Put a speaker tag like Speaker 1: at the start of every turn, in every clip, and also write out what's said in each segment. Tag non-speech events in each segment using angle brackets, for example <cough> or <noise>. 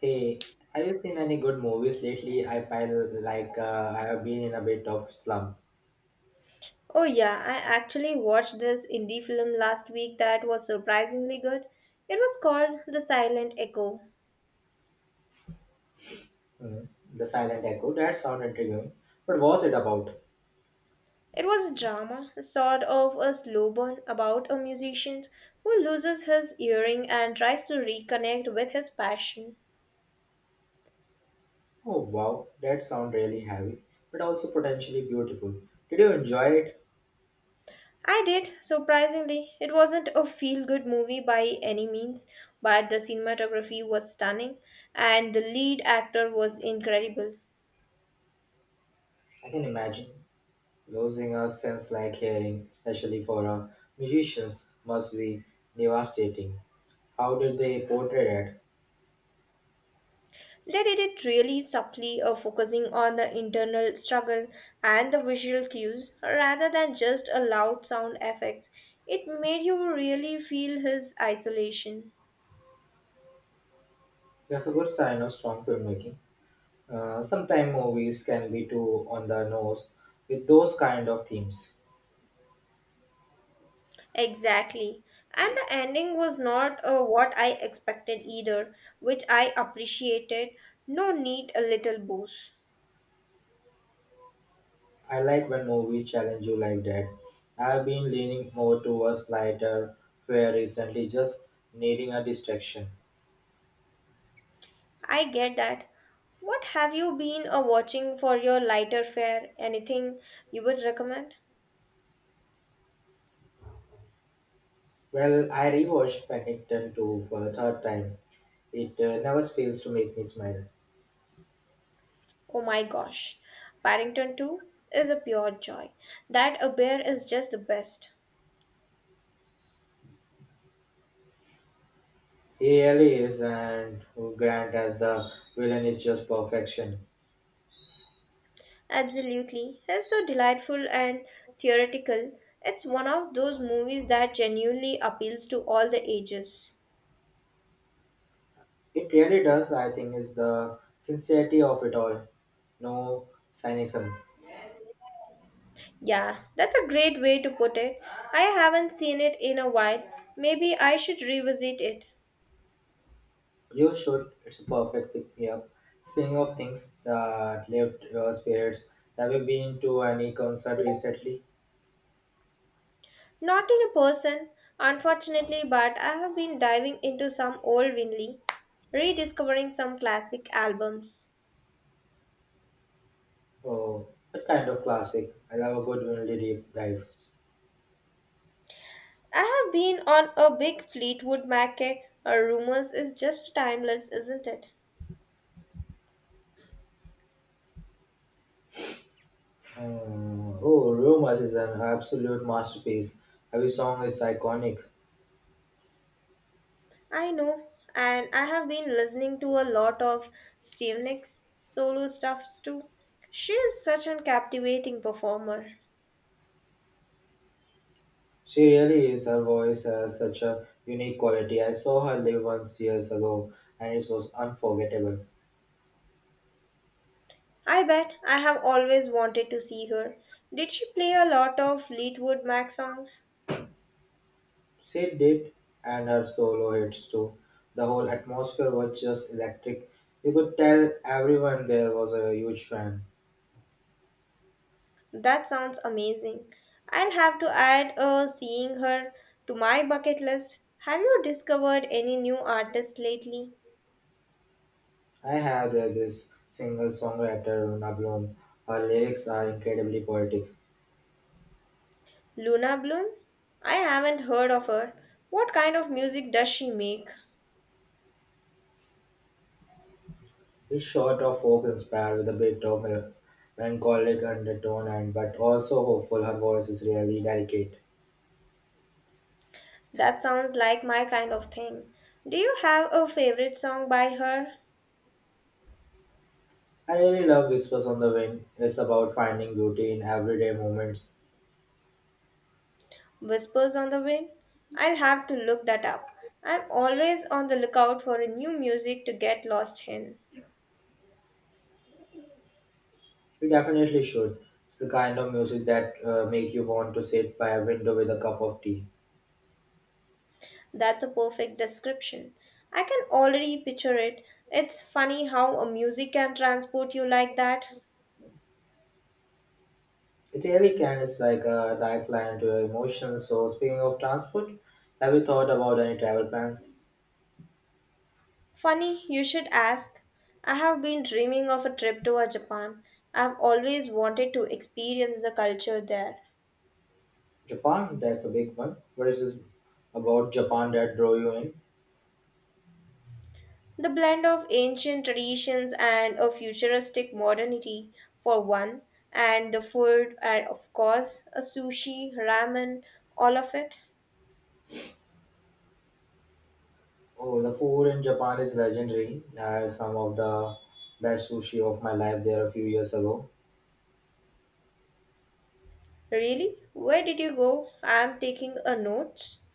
Speaker 1: Hey, have you seen any good movies lately? I feel like I have been in a bit of slump.
Speaker 2: Oh, yeah, I actually watched this indie film last week that was surprisingly good. It was called The Silent Echo.
Speaker 1: Hmm, The Silent Echo, that sound intriguing. But was it about?
Speaker 2: It was a drama, sort of a slow burn about a musician who loses his earring and tries to reconnect with his passion.
Speaker 1: Oh wow, that sound really heavy, but also potentially beautiful. Did you enjoy it?
Speaker 2: I did, surprisingly. It wasn't a feel good movie by any means, but the cinematography was stunning and the lead actor was incredible.
Speaker 1: I can imagine. Losing a sense like hearing, especially for a musicians, must be devastating. How did they portray that?
Speaker 2: They did it really subtly, focusing on the internal struggle and the visual cues rather than just a loud sound effects. It made you really feel his isolation.
Speaker 1: That's a good sign of strong filmmaking. Sometimes movies can be too on the nose with those kind of themes.
Speaker 2: Exactly. And the ending was not what I expected either, which I appreciated. No need a little boost.
Speaker 1: I like when movies challenge you like that. I've been leaning more towards lighter fare recently, just needing a distraction.
Speaker 2: I get that. What have you been watching for your lighter fare? Anything you would recommend?
Speaker 1: Well, I rewatched Paddington 2 for the third time. It never fails to make me smile.
Speaker 2: Oh my gosh, Paddington 2 is a pure joy. That a bear is just the best.
Speaker 1: He really is, and Grant as the villain is just perfection.
Speaker 2: Absolutely. It's so delightful and theoretical. It's one of those movies that genuinely appeals to all the ages.
Speaker 1: It really does, I think, is the sincerity of it all. No cynicism.
Speaker 2: Yeah, that's a great way to put it. I haven't seen it in a while. Maybe I should revisit it.
Speaker 1: You should. It's a perfect pick me up. Speaking of things that lift your spirits, have you been to any concert recently?
Speaker 2: Not in a person, unfortunately, but I have been diving into some old Winley, rediscovering some classic albums.
Speaker 1: Oh, that kind of classic. I love a good vinyl deep dive.
Speaker 2: I have been on a big Fleetwood Mac kick. A rumors is just timeless, isn't it?
Speaker 1: Hmm. Oh, Rumors is an absolute masterpiece. Every song is iconic.
Speaker 2: I know, and I have been listening to a lot of Stevie Nicks solo stuffs too. She is such a captivating performer.
Speaker 1: She really is. Her voice has such a unique quality. I saw her live once years ago, and it was unforgettable.
Speaker 2: I bet I have always wanted to see her. Did she play a lot of Fleetwood Mac songs?
Speaker 1: She did, and her solo hits too. The whole atmosphere was just electric. You could tell everyone there was a huge fan.
Speaker 2: That sounds amazing. I'll have to add seeing her to my bucket list. Have you discovered any new artists lately?
Speaker 1: I have this singer songwriter, Una Bloom. Her lyrics are incredibly poetic.
Speaker 2: Luna Bloom? I haven't heard of her. What kind of music does she make?
Speaker 1: It's short of folk inspired with a bit of melancholic undertone and but also hopeful. Her voice is really delicate.
Speaker 2: That sounds like my kind of thing. Do you have a favorite song by her?
Speaker 1: I really love Whispers on the Wind. It's about finding beauty in everyday moments.
Speaker 2: Whispers on the Wind? I'll have to look that up. I'm always on the lookout for a new music to get lost in.
Speaker 1: You definitely should. It's the kind of music that make you want to sit by a window with a cup of tea.
Speaker 2: That's a perfect description. I can already picture it. It's funny how a music can transport you like that.
Speaker 1: It really can. It's like a lifeline to your emotions. So speaking of transport, have you thought about any travel plans?
Speaker 2: Funny, you should ask. I have been dreaming of a trip to Japan. I've always wanted to experience the culture there.
Speaker 1: Japan, that's a big one. What is this about Japan that drew you in?
Speaker 2: The blend of ancient traditions and a futuristic modernity, for one, and the food, and of course, a sushi, ramen, all of it.
Speaker 1: Oh, the food in Japan is legendary. I had some of the best sushi of my life there a few years ago.
Speaker 2: Really? Where did you go? I'm taking a notes.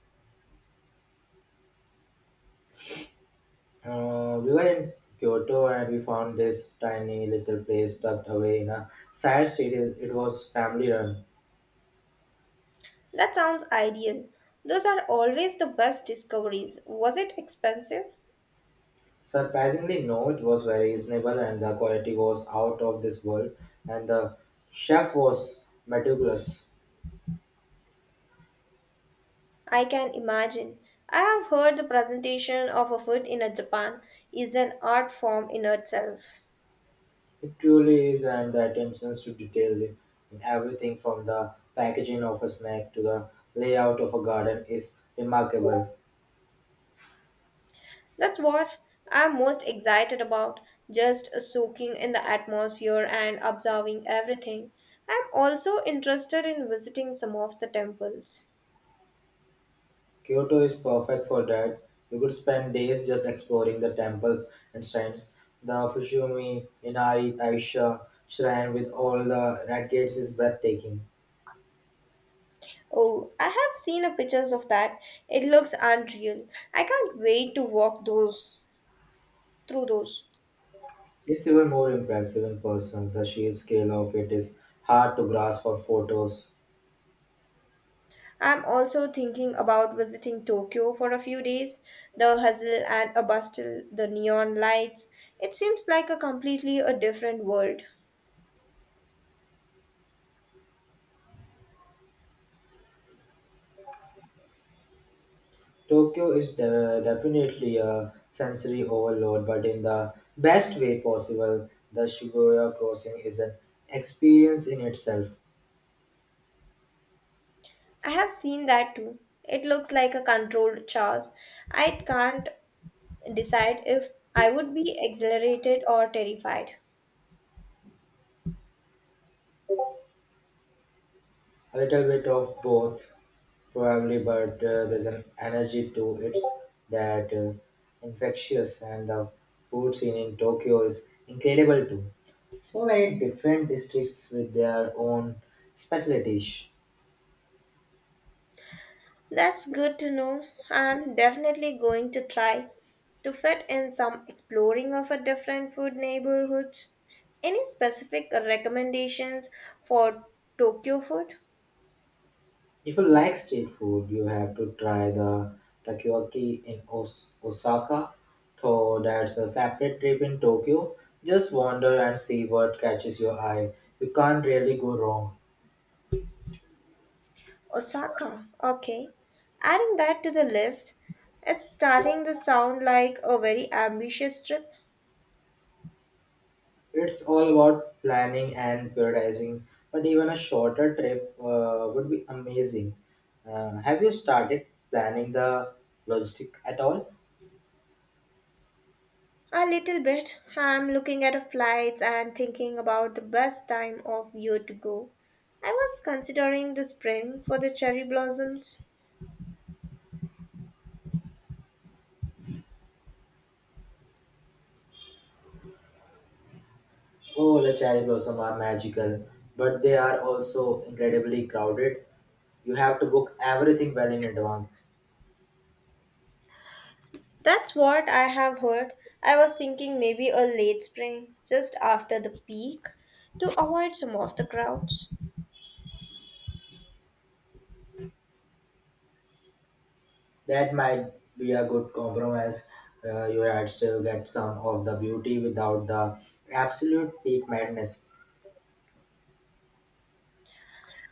Speaker 1: We were in Kyoto and we found this tiny little place tucked away in a side street. It was family run.
Speaker 2: That sounds ideal. Those are always the best discoveries. Was it expensive?
Speaker 1: Surprisingly, no, it was very reasonable and the quality was out of this world. And the chef was meticulous.
Speaker 2: I can imagine. I have heard the presentation of a food in a Japan is an art form in itself.
Speaker 1: It truly is, and the attention to detail in everything from the packaging of a snack to the layout of a garden is remarkable.
Speaker 2: That's what I'm most excited about, just soaking in the atmosphere and observing everything. I'm also interested in visiting some of the temples.
Speaker 1: Kyoto is perfect for that. You could spend days just exploring the temples and shrines. The Fushimi Inari Taisha shrine with all the red gates is breathtaking.
Speaker 2: Oh, I have seen a pictures of that. It looks unreal. I can't wait to walk those through those.
Speaker 1: It's even more impressive in person. The sheer scale of it is hard to grasp for photos.
Speaker 2: I'm also thinking about visiting Tokyo for a few days. The hustle and a bustle, the neon lights. It seems like a completely a different world.
Speaker 1: Tokyo is definitely a sensory overload, but in the best way possible, the Shibuya crossing is an experience in itself.
Speaker 2: I have seen that too. It looks like a controlled chaos. I can't decide if I would be exhilarated or terrified.
Speaker 1: A little bit of both probably, but there's an energy to it that infectious, and the food scene in Tokyo is incredible too. So many different districts with their own specialties.
Speaker 2: That's good to know. I'm definitely going to try to fit in some exploring of a different food neighborhoods. Any specific recommendations for Tokyo food?
Speaker 1: If you like street food, you have to try the takoyaki in Osaka. Though that's a separate trip in Tokyo. Just wander and see what catches your eye. You can't really go wrong.
Speaker 2: Osaka. Okay. Adding that to the list, it's starting to sound like a very ambitious trip.
Speaker 1: It's all about planning and prioritizing, but even a shorter trip would be amazing. Have you started planning the logistic at all?
Speaker 2: A little bit. I'm looking at the flights and thinking about the best time of year to go. I was considering the spring for the cherry blossoms.
Speaker 1: Oh, the cherry blossom are magical, but they are also incredibly crowded. You have to book everything well in advance.
Speaker 2: That's what I have heard. I was thinking maybe a late spring, just after the peak, to avoid some of the crowds.
Speaker 1: That might be a good compromise. You had still get some of the beauty without the absolute peak madness.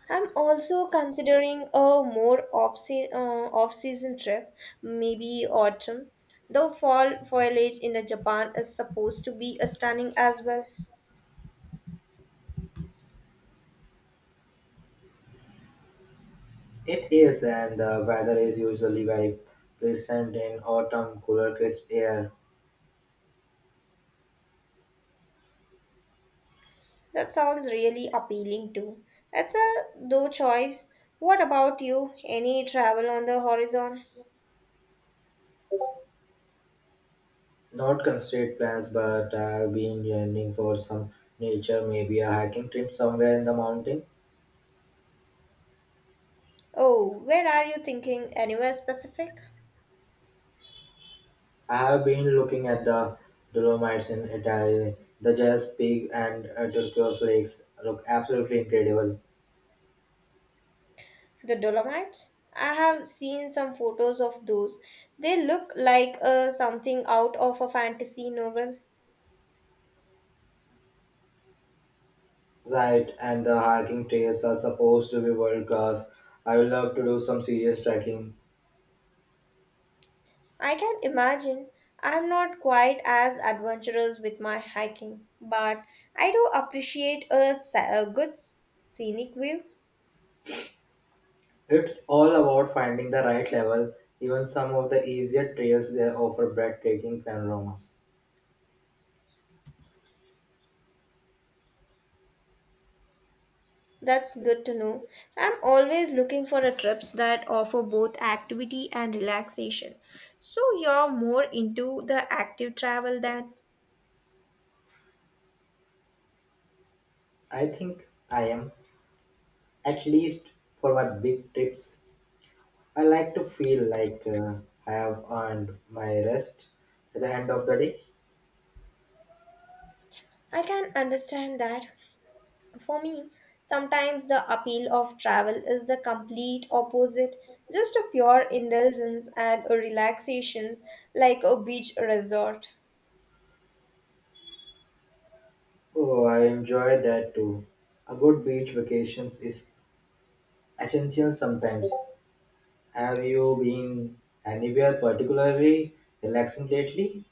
Speaker 2: I'm also considering a more off season trip, maybe autumn, though fall foliage in the Japan is supposed to be stunning as well.
Speaker 1: It is, and the weather is usually very pleasant in autumn, cooler, crisp air.
Speaker 2: That sounds really appealing too. It's a though choice. What about you? Any travel on the horizon?
Speaker 1: Not constrained plans, but I've been yearning for some nature, maybe a hiking trip somewhere in the mountain.
Speaker 2: Oh, where are you thinking? Anywhere specific?
Speaker 1: I have been looking at the Dolomites in Italy, the Jazz Peak and turquoise lakes look absolutely incredible.
Speaker 2: The Dolomites? I have seen some photos of those. They look like something out of a fantasy novel.
Speaker 1: Right, and the hiking trails are supposed to be world class. I would love to do some serious trekking.
Speaker 2: I can imagine. I'm not quite as adventurous with my hiking, but I do appreciate a, a good scenic view.
Speaker 1: It's all about finding the right level. Even some of the easier trails they offer breathtaking panoramas.
Speaker 2: That's good to know. I'm always looking for a trips that offer both activity and relaxation. So you're more into the active travel than
Speaker 1: I think I am, at least for my big trips. I like to feel like I have earned my rest at the end of the day.
Speaker 2: I can understand that. For me, sometimes the appeal of travel is the complete opposite, just a pure indulgence and a relaxation like a beach resort.
Speaker 1: Oh, I enjoy that too. A good beach vacations is essential sometimes. Have you been anywhere particularly relaxing lately?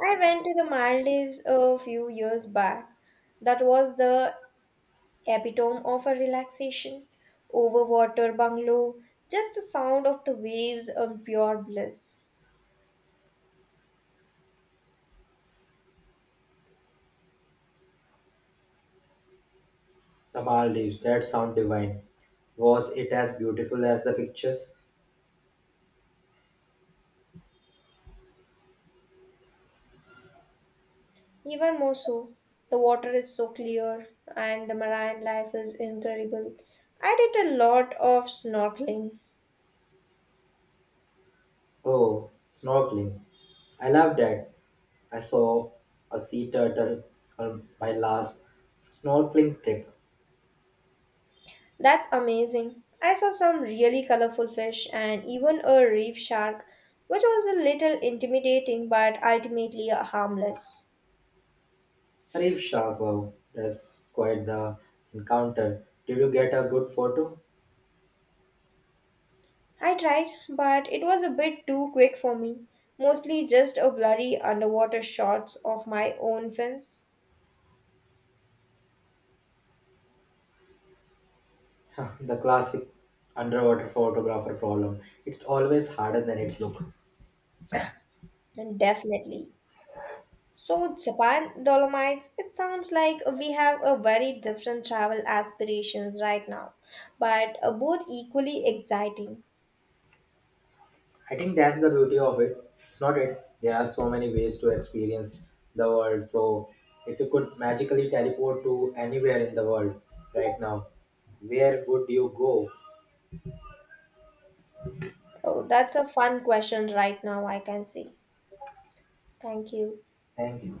Speaker 2: I went to the Maldives a few years back. That was the epitome of a relaxation. Overwater bungalow, just the sound of the waves and pure bliss.
Speaker 1: The Maldives, that sound divine. Was it as beautiful as the pictures?
Speaker 2: Even more so, the water is so clear and the marine life is incredible. I did a lot of snorkeling.
Speaker 1: Oh, snorkeling. I love that. I saw a sea turtle on my last snorkeling trip.
Speaker 2: That's amazing. I saw some really colorful fish and even a reef shark, which was a little intimidating but ultimately harmless.
Speaker 1: A reef shark, wow, that's quite the encounter. Did you get a good photo?
Speaker 2: I tried, but it was a bit too quick for me. Mostly just a blurry underwater shots of my own fins.
Speaker 1: <laughs> The classic underwater photographer problem. It's always harder than its look.
Speaker 2: And definitely So, Japan Dolomites, it sounds like we have a very different travel aspirations right now, but both equally exciting.
Speaker 1: I think that's the beauty of it. It's not it. There are so many ways to experience the world. So if you could magically teleport to anywhere in the world right now, where would you go?
Speaker 2: Oh, that's a fun question right now, I can see. Thank you.
Speaker 1: Thank you.